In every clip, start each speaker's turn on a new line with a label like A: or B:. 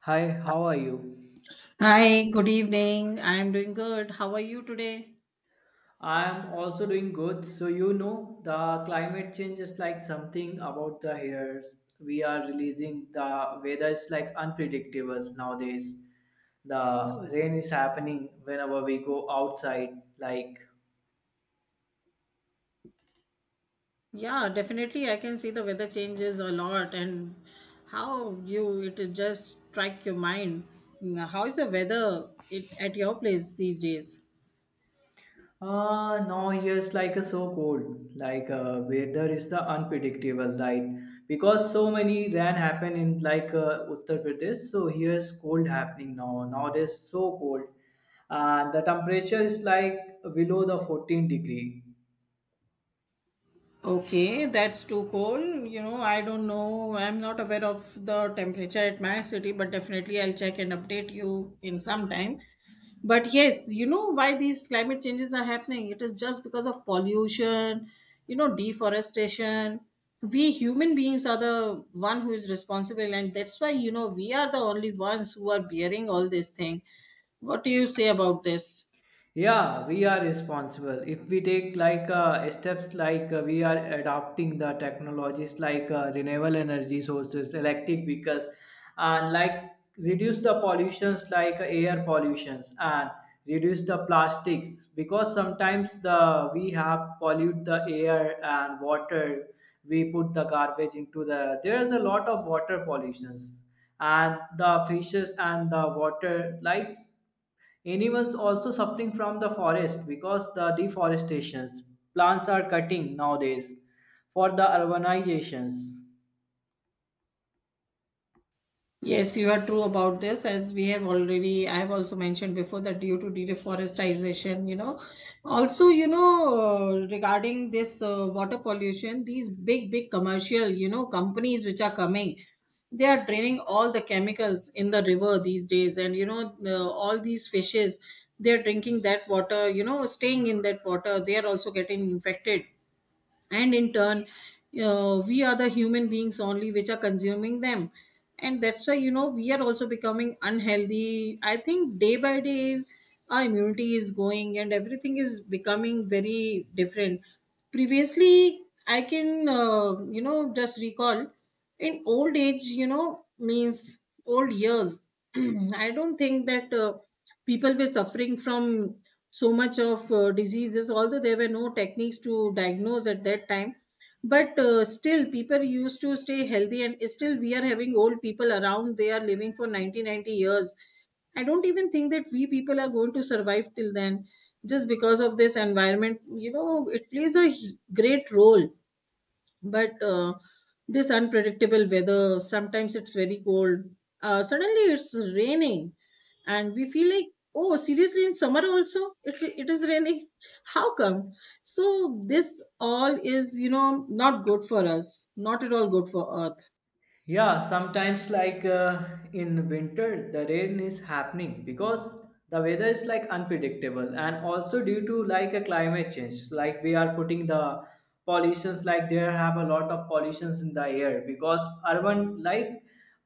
A: Hi, how are you?
B: Hi, good evening. I am doing good. How are you today?
A: I'm also doing good. So you know, the climate change is like something about the hairs. We are releasing the weather is like unpredictable nowadays. The
B: Oh,
A: rain is happening whenever we go outside. Like
B: yeah, definitely. I can see the weather changes a lot and how you it is just strike your mind. Now, how is the weather at your place these days?
A: Now here's like a so cold, like weather is the unpredictable, right? Because so many rain happen in like Uttar Pradesh, so here's cold happening now. Nowadays so cold, and the temperature is like below the 14 degree.
B: Okay, that's too cold. You know, I don't know. I'm not aware of the temperature at my city, but definitely I'll check and update you in some time. But yes, you know why these climate changes are happening? It is just because of pollution, you know, deforestation. We human beings are the one who is responsible, and that's why you know we are the only ones who are bearing all this thing. What do you say about this?
A: Yeah, we are responsible if we take like steps like we are adopting the technologies like renewable energy sources electric vehicles and like reduce the pollutions like air pollutions and reduce the plastics because sometimes the we have pollute the air and water, we put the garbage into the there is a lot of water pollutions and the fishes and the water like animals also suffering from the forest because the deforestations. Plants are cutting nowadays for the urbanizations.
B: Yes, you are true about this. As we have already, I have also mentioned before that due to deforestation, you know, also, you know, regarding this water pollution, these big, big commercial, you know, companies which are coming, they are draining all the chemicals in the river these days. And, you know, all these fishes, they are drinking that water, you know, staying in that water, they are also getting infected and in turn we are the human beings only which are consuming them, and that's why you know we are also becoming unhealthy. I think day by day our immunity is going and everything is becoming very different. Previously I can you know just recall in old age, you know, means old years. I don't think that people were suffering from so much of diseases, although there were no techniques to diagnose at that time, but still people used to stay healthy, and still we are having old people around. They are living for 90, 90 years. I don't even think that we people are going to survive till then, just because of this environment, you know, it plays a great role. But this unpredictable weather, sometimes it's very cold, suddenly it's raining, and we feel like, oh, seriously, in summer also it is raining. How come? So this all is, you know, not good for us, not at all good for earth.
A: Yeah, sometimes like in winter, the rain is happening because the weather is like unpredictable and also due to like a climate change. Like we are putting the pollutions, like there have a lot of pollutions in the air because urban like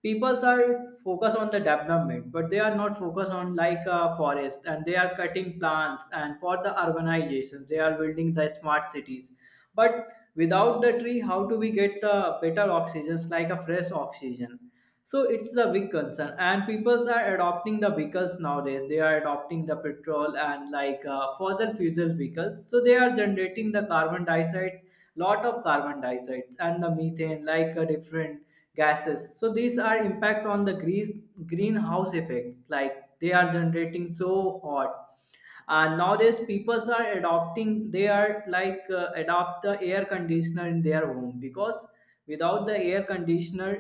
A: peoples are focused on the development, but they are not focused on like forest, and they are cutting plants and for the urbanizations, they are building the smart cities, but without the tree how do we get the better oxygens like a fresh oxygen. So it's the big concern, and peoples are adopting the vehicles nowadays. They are adopting the petrol and like fossil fuel vehicles, so they are generating the carbon dioxide, lot of carbon dioxide and the methane like different gases. So these are impact on the grease greenhouse effects, like they are generating so hot. And nowadays people are adopting, they are like adopt the air conditioner in their home because without the air conditioner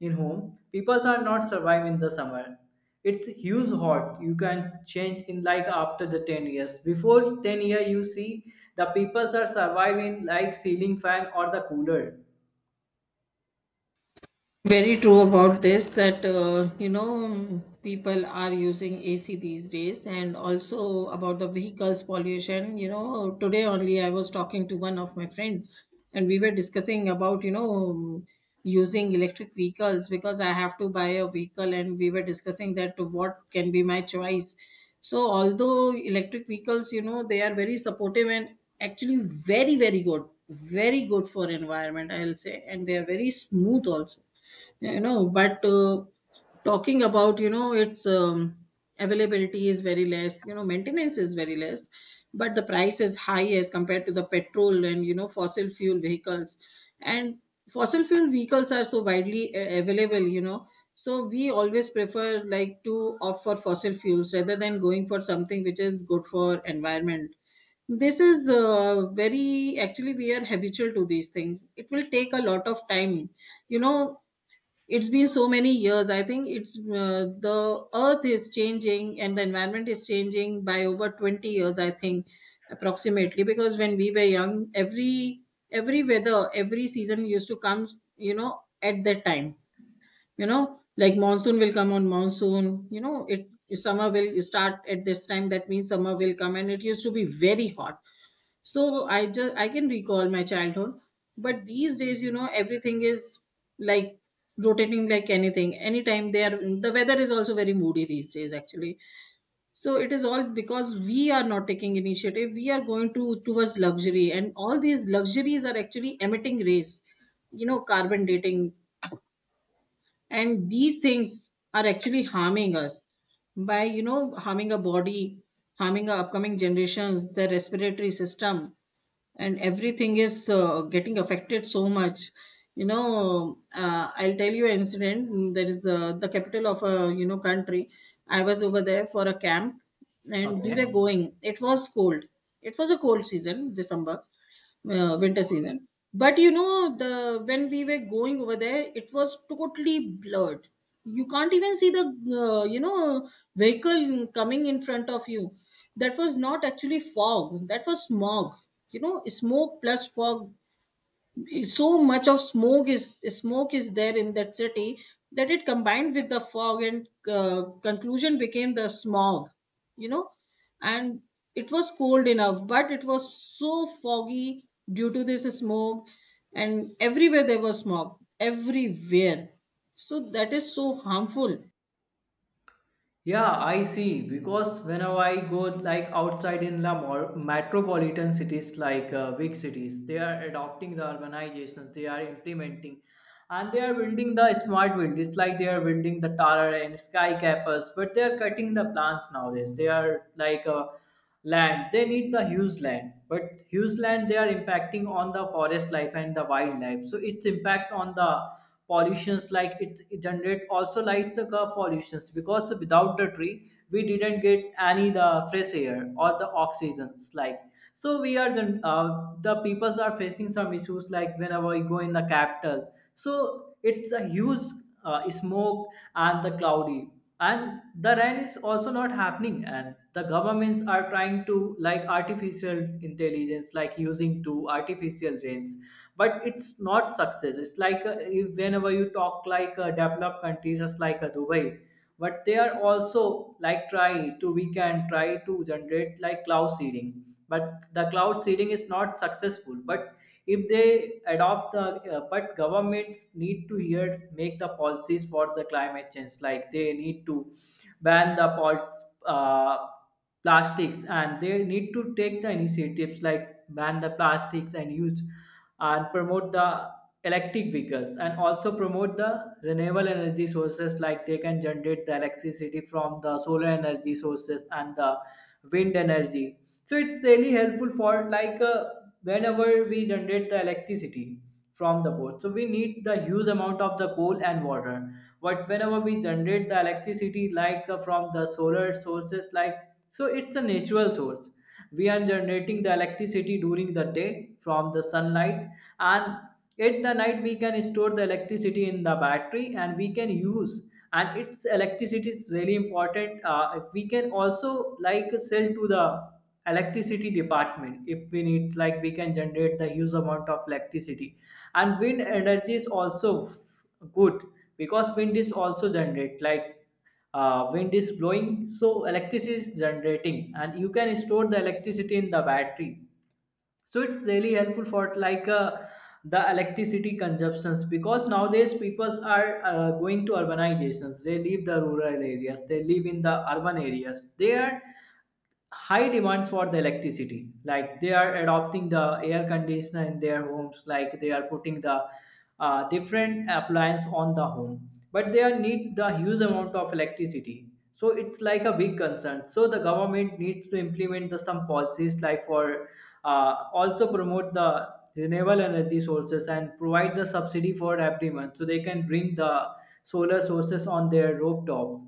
A: in home people are not survive in the summer. It's huge hot. You can change in like after the 10 years, before 10 year you see the people are surviving like ceiling fan or the cooler.
B: Very true about this that you know people are using ac these days, and also about the vehicles pollution, you know, today only I was talking to one of my friend and we were discussing about, you know, using electric vehicles because I have to buy a vehicle, and we were discussing that what can be my choice. So although electric vehicles, you know, they are very supportive and actually very very good, very good for environment I'll say, and they are very smooth also, you know, but talking about, you know, its availability is very less, you know, maintenance is very less, but the price is high as compared to the petrol and, you know, fossil fuel vehicles. And fossil fuel vehicles are so widely available, you know, so we always prefer like to opt for fossil fuels rather than going for something which is good for environment. This is very actually we are habitual to these things. It will take a lot of time, you know. It's been so many years, I think. It's the earth is changing and the environment is changing by over 20 years I think, approximately, because when we were young, every weather every season used to come, you know, at that time, you know, like monsoon will come on monsoon, you know it, summer will start at this time, that means summer will come and it used to be very hot. So I just I can recall my childhood. But these days, you know, everything is like rotating like anything, anytime they are, the weather is also very moody these days actually. So it is all because we are not taking initiative, we are going to towards luxury, and all these luxuries are actually emitting rays, you know, carbon dating, and these things are actually harming us, by, you know, harming our body, harming our upcoming generations, the respiratory system, and everything is getting affected so much. You know, I'll tell you an incident. There is the capital of a, you know, country. I was over there for a camp, and we
A: Okay.
B: were going, it was cold. It was a cold season, december, winter season. But you know, the when we were going over there, it was totally blurred. You can't even see the you know vehicle coming in front of you. That was not actually fog. That was smog. You know, smoke plus fog, so much of smoke is there in that city that it combined with the fog, and conclusion became the smog, you know. And it was cold enough, but it was so foggy due to this smoke, and everywhere there was smog, everywhere. So that is so harmful.
A: Yeah, I see. Because whenever I go like outside in the metropolitan cities, like big cities, they are adopting the urbanization. They are implementing, and they are building the smart buildings, like they are building the tower and sky campus. But they are cutting the plants nowadays. They are like land they need the huge land, but huge land they are impacting on the forest life and the wildlife, so its impact on the pollutions, like it generate also like the car pollutions because without the tree we didn't get any the fresh air or the oxygens like. So we are the peoples are facing some issues like whenever we go in the capital, so it's a huge smoke and the cloudy and the rain is also not happening, and the governments are trying to like artificial intelligence, like using to artificial rains, but it's not success. It's like if whenever you talk like developed countries just like Dubai. But they are also like try to we can try to generate like cloud seeding, but the cloud seeding is not successful. But if they adopt the but governments need to here make the policies for the climate change, like they need to ban the pots, plastics, and they need to take the initiatives like ban the plastics and use and promote the electric vehicles, and also promote the renewable energy sources, like they can generate the electricity from the solar energy sources and the wind energy. So it's really helpful for like whenever we generate the electricity from the coal, so we need the huge amount of the coal and water. But whenever we generate the electricity like from the solar sources like, so it's a natural source. We are generating the electricity during the day from the sunlight, and at the night we can store the electricity in the battery and we can use. And its electricity is really important. Uh, we can also like sell to the electricity department if we need, like we can generate the huge amount of electricity. And wind energy is also good, because wind is also generate like wind is blowing, so electricity is generating, and you can store the electricity in the battery. So it's really helpful for like the electricity consumptions because nowadays peoples are going to urbanizations. They leave the rural areas, they live in the urban areas, they are high demand for the electricity, like they are adopting the air conditioner in their homes, like they are putting the different appliance on the home, but they are need the huge amount of electricity. So it's like a big concern. So the government needs to implement the some policies like for also promote the renewable energy sources and provide the subsidy for every month so they can bring the solar sources on their rooftop.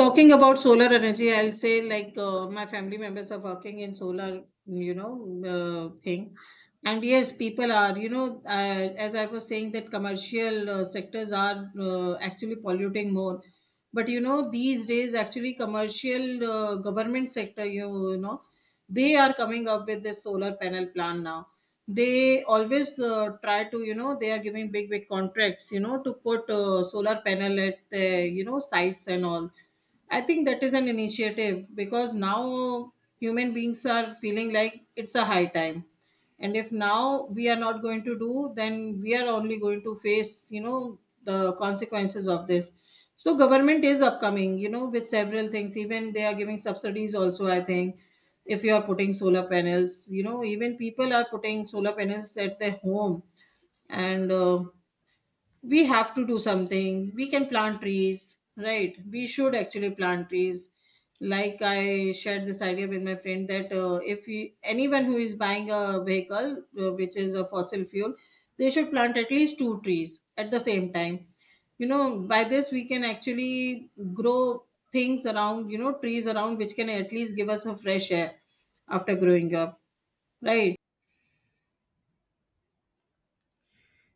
B: Talking about solar energy, I'll say like my family members are working in solar, you know, thing. And yes, people are, you know, as I was saying, that commercial sectors are actually polluting more. But you know, these days, actually, commercial government sector, you know, they are coming up with this solar panel plan now. They always try to, you know, they are giving big, big contracts, you know, to put solar panel at their, you know, sites and all. I think that is an initiative because now human beings are feeling like it's a high time. And if now we are not going to do, then we are only going to face, you know, the consequences of this. So government is upcoming, you know, with several things. Even they are giving subsidies also, I think. If you are putting solar panels, you know, even people are putting solar panels at their home. And we have to do something. We can plant trees, right? We should actually plant trees. Like I shared this idea with my friend that if you, anyone who is buying a vehicle which is a fossil fuel, they should plant at least two trees at the same time. You know, by this we can actually grow things around, you know, trees around, which can at least give us a fresh air after growing up, right?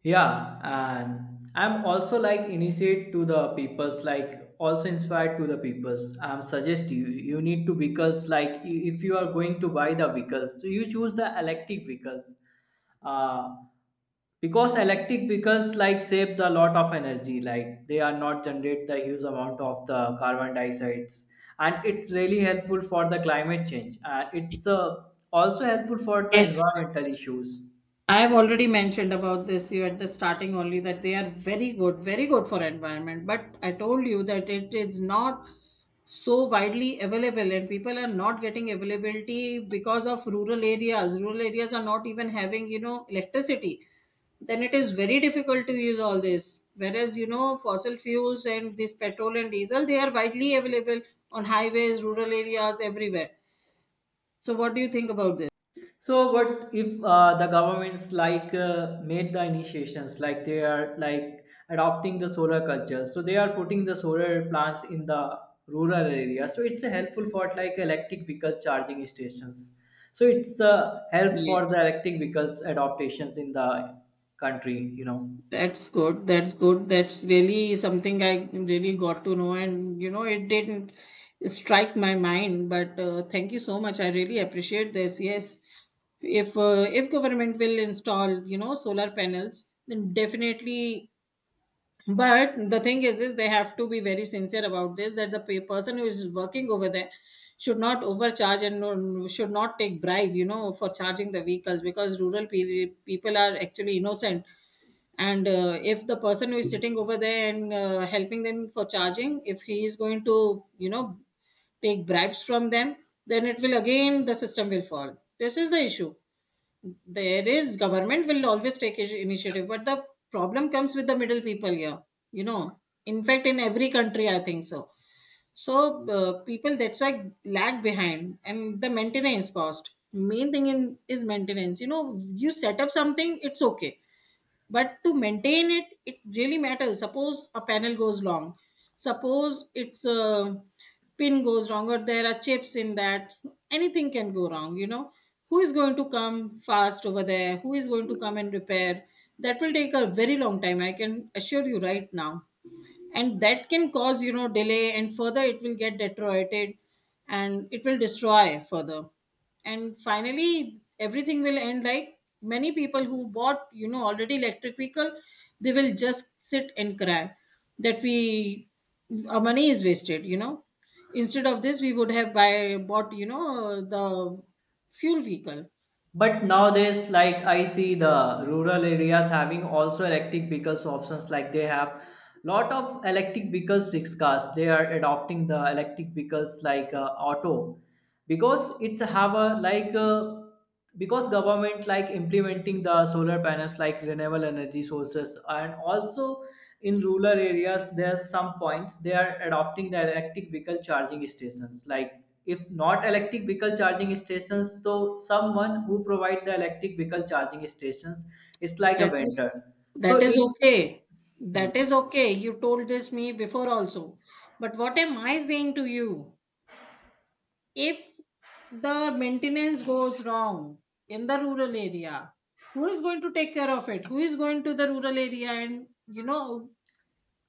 A: Yeah, and I'm also like initiate to the peoples, like also inspired to the peoples. I'm suggest you need to vehicles like if you are going to buy the vehicles, so you choose the electric vehicles, uh, because electric vehicles like save the lot of energy. Like they are not generate the huge amount of the carbon dioxides, and it's really helpful for the climate change, and it's also helpful for the
B: Yes,
A: environmental issues.
B: I have already mentioned about this you at the starting only, that they are very good, very good for environment. But I told you that it is not so widely available, and people are not getting availability because of rural areas. Rural areas are not even having, you know, electricity. Then it is very difficult to use all this. Whereas, you know, fossil fuels and this petrol and diesel, they are widely available on highways, rural areas, everywhere. So what do you think about this?
A: So what if the governments like made the initiations like they are like adopting the solar culture. So they are putting the solar plants in the rural area. So it's a helpful for like electric vehicle charging stations. So it's a help for the
B: Yes.
A: electric vehicles adaptations in the country, you know.
B: That's good. That's good. That's really something I really got to know. And, you know, it didn't strike my mind. But thank you so much. I really appreciate this. Yes. If government will install, you know, solar panels, then definitely. But the thing is they have to be very sincere about this. That the person who is working over there should not overcharge and no, should not take bribe, you know, for charging the vehicles, because rural people are actually innocent. And if the person who is sitting over there and helping them for charging, if he is going to, you know, take bribes from them, then it will again, the system will fall. This is the issue. There is government will always take initiative, but the problem comes with the middle people here, you know, in fact in every country I think so. So people that's why lag behind, and the maintenance cost, main thing in is maintenance, you know. You set up something, it's okay, but to maintain it, it really matters. Suppose a panel goes long, suppose it's a pin goes wrong, or there are chips in that, anything can go wrong, you know. Who is going to come fast over there, who is going to come and repair? That will take a very long time, I can assure you right now. And that can cause, you know, delay, and further it will get deteriorated, and it will destroy further, and finally everything will end like many people who bought, you know, already electric vehicle, they will just sit and cry that we, our money is wasted, you know. Instead of this, we would have buy bought, you know, the fuel vehicle.
A: But nowadays, like I see the rural areas having also electric vehicles options. Like they have lot of electric vehicles, six cars. They are adopting the electric vehicles like auto, because it's have a like because government like implementing the solar panels like renewable energy sources, and also in rural areas there's some points they are adopting the electric vehicle charging stations like, if not electric vehicle charging stations, so someone who provide the electric vehicle charging stations is like a
B: That is
A: vendor.
B: that
A: So
B: is
A: it's.
B: okay. That is okay. You told this me before also. But what am I saying to you? If the maintenance goes wrong in the rural area, who is going to take care of it? Who is going to the rural area and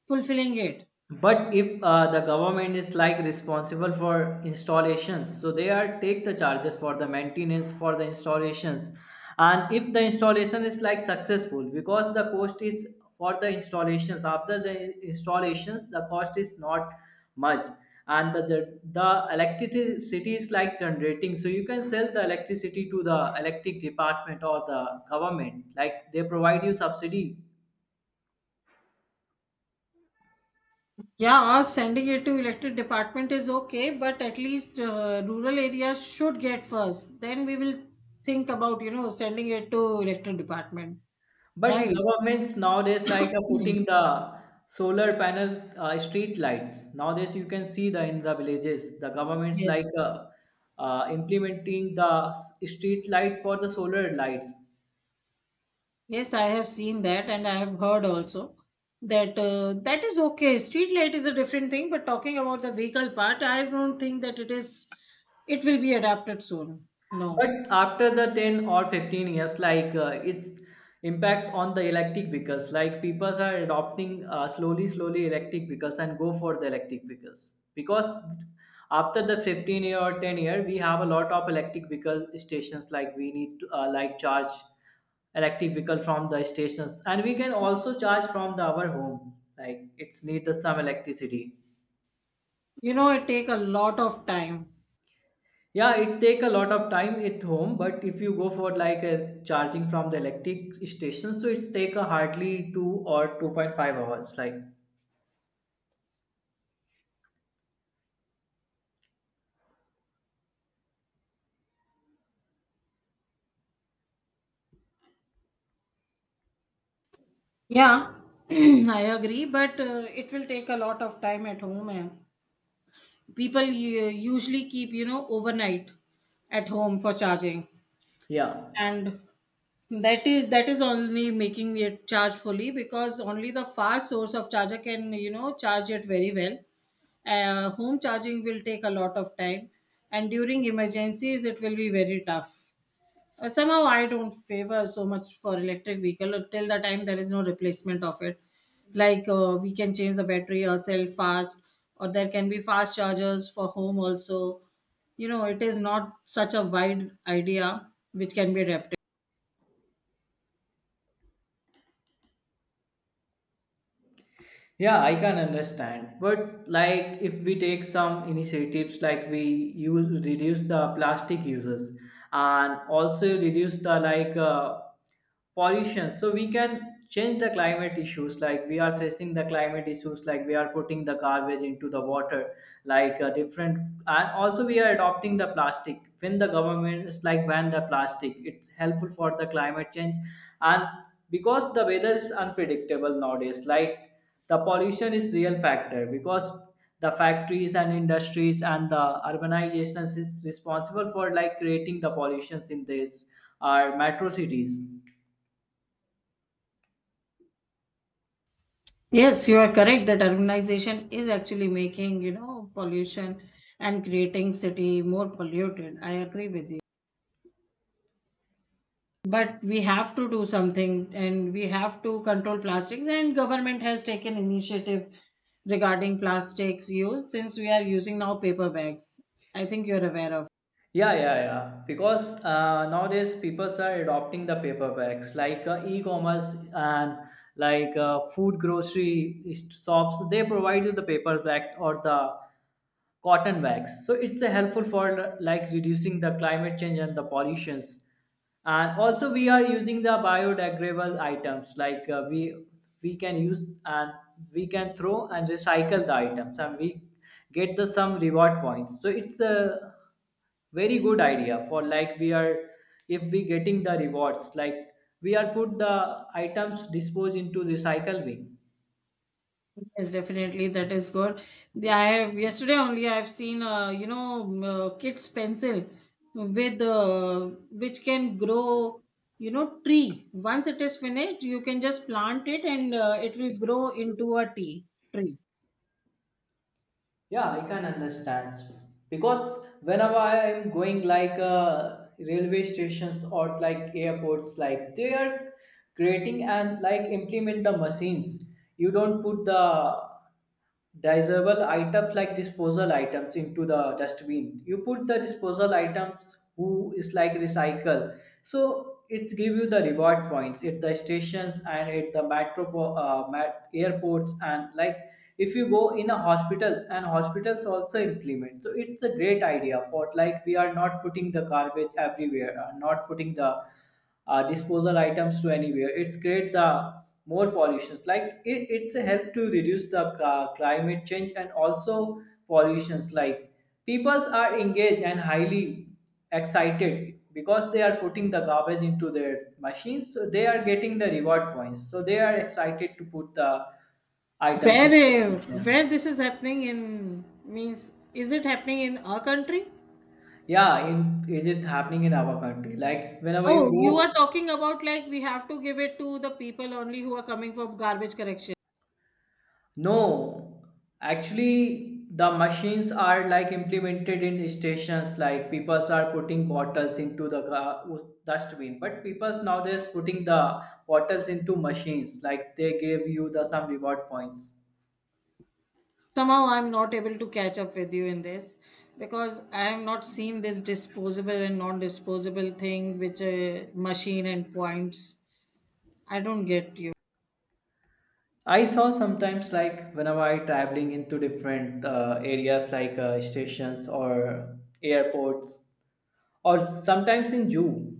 B: fulfilling it?
A: But if the government is like responsible for installations, so they are take the charges for the maintenance for the installations, and if the installation is like successful, because the cost is for the installations. After the installations, the cost is not much, and the the electricity is like generating, so you can sell the electricity to the electric department or the government, like they provide you subsidy.
B: Yeah, sending it to elected department is okay, but at least rural areas should get first. Then we will think about sending it to elected department,
A: But
B: right?
A: governments nowadays like are putting the solar panel street lights. Nowadays you can see the in the villages the governments like
B: Yes.
A: implementing the street light for the solar lights.
B: Yes, I have seen that, and I have heard also that that is okay. Street light is a different thing, but talking about the vehicle part, I don't think that it is. It will be adapted soon. No,
A: But after the 10 or 15 years, like its impact on the electric vehicles, like people are adopting slowly, slowly electric vehicles and go for the electric vehicles. Because after the 15 year or 10 year, we have a lot of electric vehicle stations, like we need to like charge electric vehicle from the stations, and we can also charge from the our home like it's need some electricity.
B: it take a lot of time.
A: Yeah, it take a lot of time at home, but if you go for like a charging from the electric station, so it's take a hardly 2 or 2.5 hours. Like
B: Yeah, I agree, but it will take a lot of time at home. And people usually keep overnight at home for charging,
A: yeah.
B: and That is only making it charge fully because only the fast source of charger can charge it very well. Home charging will take a lot of time, and during emergencies it will be very tough. Somehow I don't favor so much for electric vehicle till the time there is no replacement of it. Like we can change the battery ourselves fast, or there can be fast chargers for home also. You know, it is not such a wide idea which can be adapted.
A: Yeah, I can understand. But like if we take some initiatives like we use reduce the plastic uses and also reduce the like pollution, so we can change the climate issues, like we are facing the climate issues, like we are putting the garbage into the water like different. And also we are adopting the plastic. When the government is like ban the plastic, it's helpful for the climate change. And because the weather is unpredictable nowadays, like the pollution is real factor, because the factories and industries and the urbanizations is responsible for like creating the pollutions in this our metro cities.
B: Yes, you are correct that urbanization is actually making, pollution and creating city more polluted. I agree with you. But we have to do something and we have to control plastics and government has taken initiative regarding plastics use since we are using now paper bags. I think you're aware of.
A: Yeah, yeah, yeah. Because nowadays people are adopting the paper bags, like e-commerce and like food grocery shops. They provide you the paper bags or the cotton bags. So it's helpful for like reducing the climate change and the pollutions. And also we are using the biodegradable items like we can use, and we can throw and recycle the items, and we get the some reward points. So it's a very good idea for like we are if we getting the rewards like we are put the items disposed into recycle bin.
B: Yes, definitely. That is good. The, I have yesterday only I've seen kids pencil with which can grow tree. Once it is finished, you can just plant it and it will grow into a tea tree.
A: Yeah, I can understand, because whenever I am going like railway stations or like airports, like they are creating and like implement the machines. You don't put the disposable items, like disposal items into the dustbin, you put the disposal items who is like recycle. So it's give you the reward points at the stations and at the metro, airports, and like if you go in a hospitals, and hospitals also implement. So it's a great idea for like we are not putting the garbage everywhere, not putting the disposal items to anywhere, it's create the more pollutions. Like it's a help to reduce the climate change and also pollutions. Like peoples are engaged and highly excited because they are putting the garbage into their machines, so they are getting the reward points, so they are excited to put the items into
B: Where
A: the
B: uh,
A: machine.
B: where this is happening in means is it happening in our country?
A: Yeah, in is it happening in our country, like whenever you
B: Oh,
A: go.
B: you are talking about like we have to give it to the people only who are coming for garbage collection.
A: No, actually the machines are like implemented in stations, like people are putting bottles into the dustbin, but people nowadays putting the bottles into machines, like they give you the some reward points.
B: Somehow I'm not able to catch up with you in this because I have not seen this disposable and non-disposable thing which a machine and points I don't get you.
A: I saw sometimes like whenever I traveling into different areas, like stations or airports, or sometimes in zoo.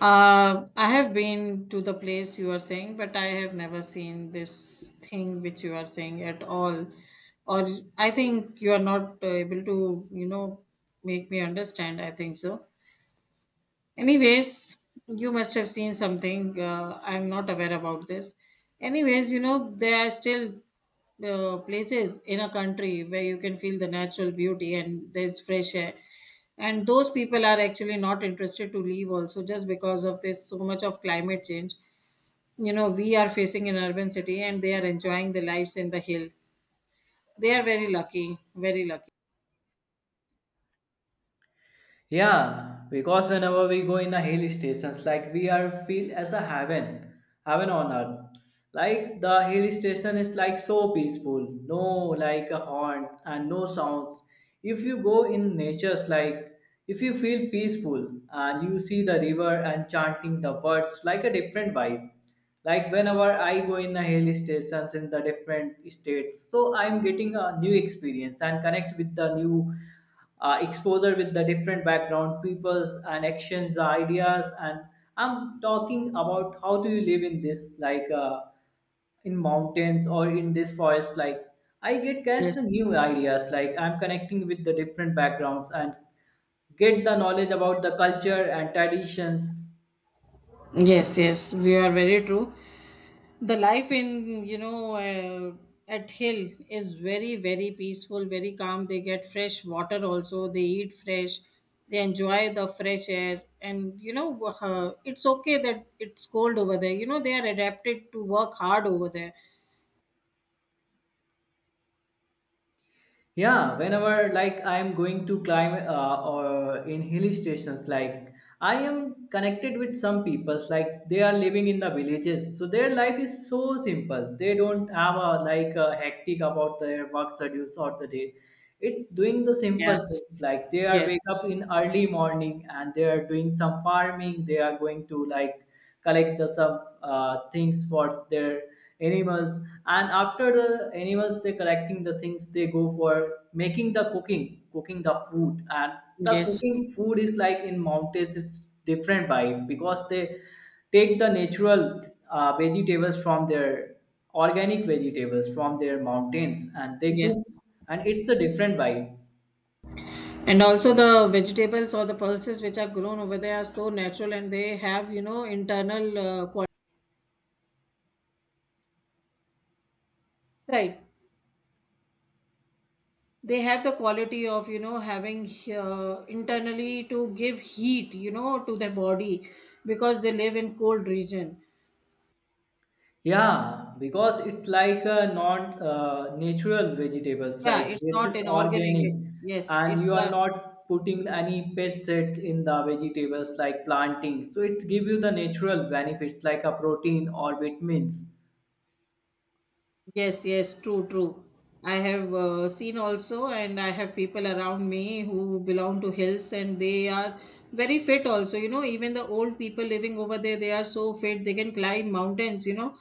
B: I have been to the place you are saying, but I have never seen this thing which you are saying at all, or I think you are not able to make me understand, I think so. Anyways, you must have seen something. I'm not aware about this. Anyways, you know, there are still places in a country where you can feel the natural beauty and there's fresh air. And those people are actually not interested to leave also just because of this so much of climate change. You know, we are facing an urban city and they are enjoying the lives in the hill. They are very lucky, very lucky.
A: Yeah, because whenever we go in a hill stations, like we are feel as a heaven, heaven on earth. Like the hill station is like so peaceful, no like a horn and no sounds. If you go in nature's, like if you feel peaceful and you see the river and chanting the words like a different vibe, like whenever I go in the hill stations in the different states, so I'm getting a new experience and connect with the new exposure with the different background peoples and actions ideas. And I'm talking about how do you live in this like in mountains or in this forest, like I get guys
B: Yes.
A: the new ideas, like I'm connecting with the different backgrounds and get the knowledge about the culture and traditions.
B: Yes, yes, we are very true. The life in at hill is very, very peaceful, very calm. They get fresh water also, they eat fresh, they enjoy the fresh air, and you know, it's okay that it's cold over there. You know, they are adapted to work hard over there.
A: Yeah, whenever like I'm going to climb or in hill stations, like I am connected with some peoples, like they are living in the villages, so their life is so simple. They don't have a like a hectic about their work schedules or the day. It's doing the
B: Yes.
A: simple things like they are
B: Yes,
A: wake up in early morning and they are doing some farming. They are going to like collect the some things for their animals. And after the animals they collecting the things, they go for making the cooking the food. And the
B: yes,
A: cooking food is like in mountains it's different vibe, because they take the natural vegetables from their, organic vegetables from their mountains, and they
B: yes.
A: cook, and it's a different vibe.
B: And also the vegetables or the pulses which are grown over there are so natural, and they have internal quality, right? They have the quality of having internally to give heat to their body, because they live in cold region.
A: Yeah, because it's like not natural vegetables.
B: Yeah,
A: Like
B: it's
A: this
B: not
A: is
B: an
A: organic,
B: organic. Yes,
A: and
B: it's
A: you are
B: a—
A: not putting any pesticides in the vegetables like planting. So it give you the natural benefits like a protein or vitamins.
B: Yes, yes, true, true. I have seen also, and I have people around me who belong to hills, and they are very fit also. You know, even the old people living over there, they are so fit they can climb mountains. You know,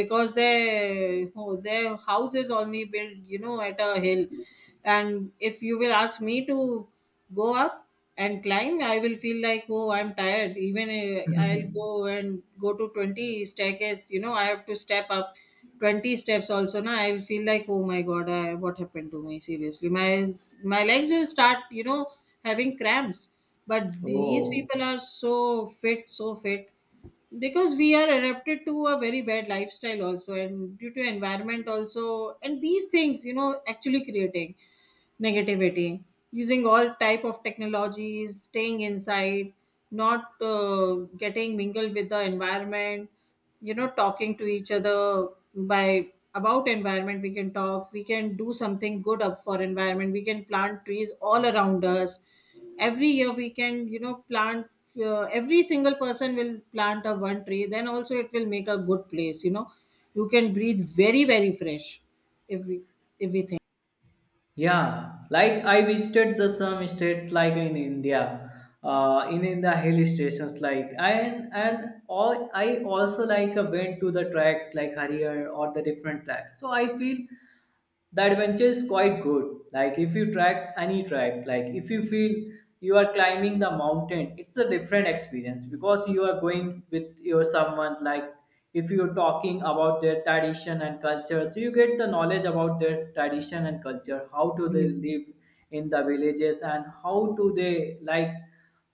B: because their oh, their house is only built, you know, at a hill. And if you will ask me to go up and climb, I will feel like oh, I'm tired. Even I'll go and go to 20 staircase. You know, I have to step up 20 steps also na. I will feel like oh my god I, what happened to me seriously. My legs will start having cramps, but these
A: Oh,
B: people are so fit, so fit, because we are adapted to a very bad lifestyle also, and due to environment also, and these things you know actually creating negativity, using all type of technologies, staying inside, not getting mingled with the environment, you know, talking to each other. By about environment we can talk, we can do something good up for environment, we can plant trees all around us. Every year we can, you know, plant every single person will plant a one tree, then also it will make a good place, you know, you can breathe very, very fresh if we, if we think.
A: yeah. Like I visited the some states like in India, in the hill stations like, and all I also like went to the track like Harihar or the different tracks. So I feel the adventure is quite good, like if you track any track, like if you feel you are climbing the mountain, it's a different experience, because you are going with your someone, like if you're talking about their tradition and culture, so you get the knowledge about their tradition and culture, how do they
B: Hmm.
A: live in the villages, and how do they like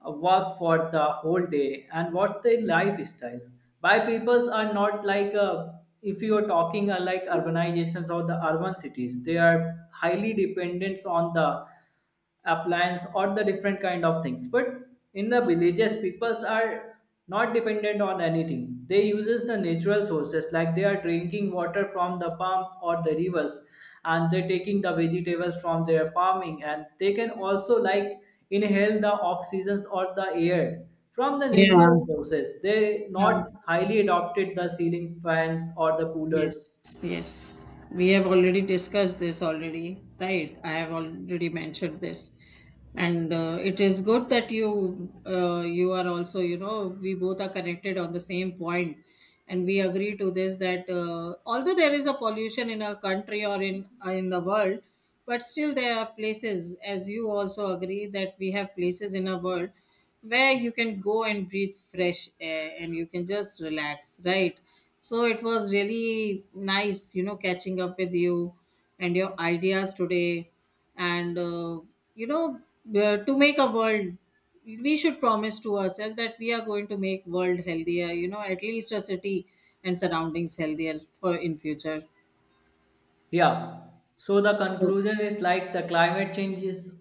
A: work for the whole day, and what's their lifestyle. By peoples are not like if you are talking like urbanizations or the urban cities, they are highly dependent on the appliance or the different kind of things, but in the villages peoples are not dependent on anything. They uses the natural sources, like they are drinking water from the palm or the rivers, and they're taking the vegetables from their farming, and they can also like inhale the oxygens or the air from the
B: Yeah,
A: natural sources. They not
B: yeah.
A: highly adopted the ceiling fans or the coolers.
B: Yes, yes. We have already discussed this already, right? I have already mentioned this. And it is good that you you are also, you know, we both are connected on the same point, and we agree to this that although there is a pollution in our country or in the world, but still there are places, as you also agree, that we have places in our world where you can go and breathe fresh air and you can just relax, right? So it was really nice, you know, catching up with you and your ideas today. And you know to make a world, we should promise to ourselves that we are going to make world healthier, you know, at least a city and surroundings healthier for in future.
A: Yeah. So the
B: So
A: conclusion is like the climate change is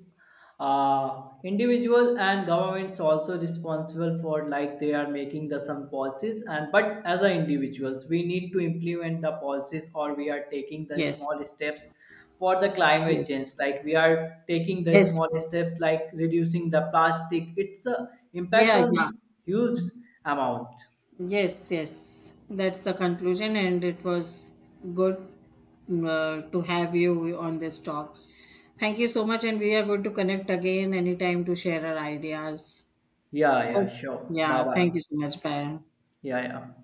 A: individual and governments also responsible for, like they are making the some policies, and but as a individuals we need to implement the policies, or we are taking the
B: yes,
A: small steps for the climate
B: yes,
A: change, like we are taking the
B: yes.
A: small steps like reducing the plastic, it's a impact
B: Yeah,
A: on
B: yeah.
A: huge amount.
B: Yes, yes. That's the conclusion, and it was good to have you on this talk. Thank you so much, and we are going to connect again anytime to share our ideas.
A: Yeah, yeah,
B: Oh,
A: sure, bye
B: yeah, thank
A: bye.
B: you so much. Bye.
A: Yeah, yeah.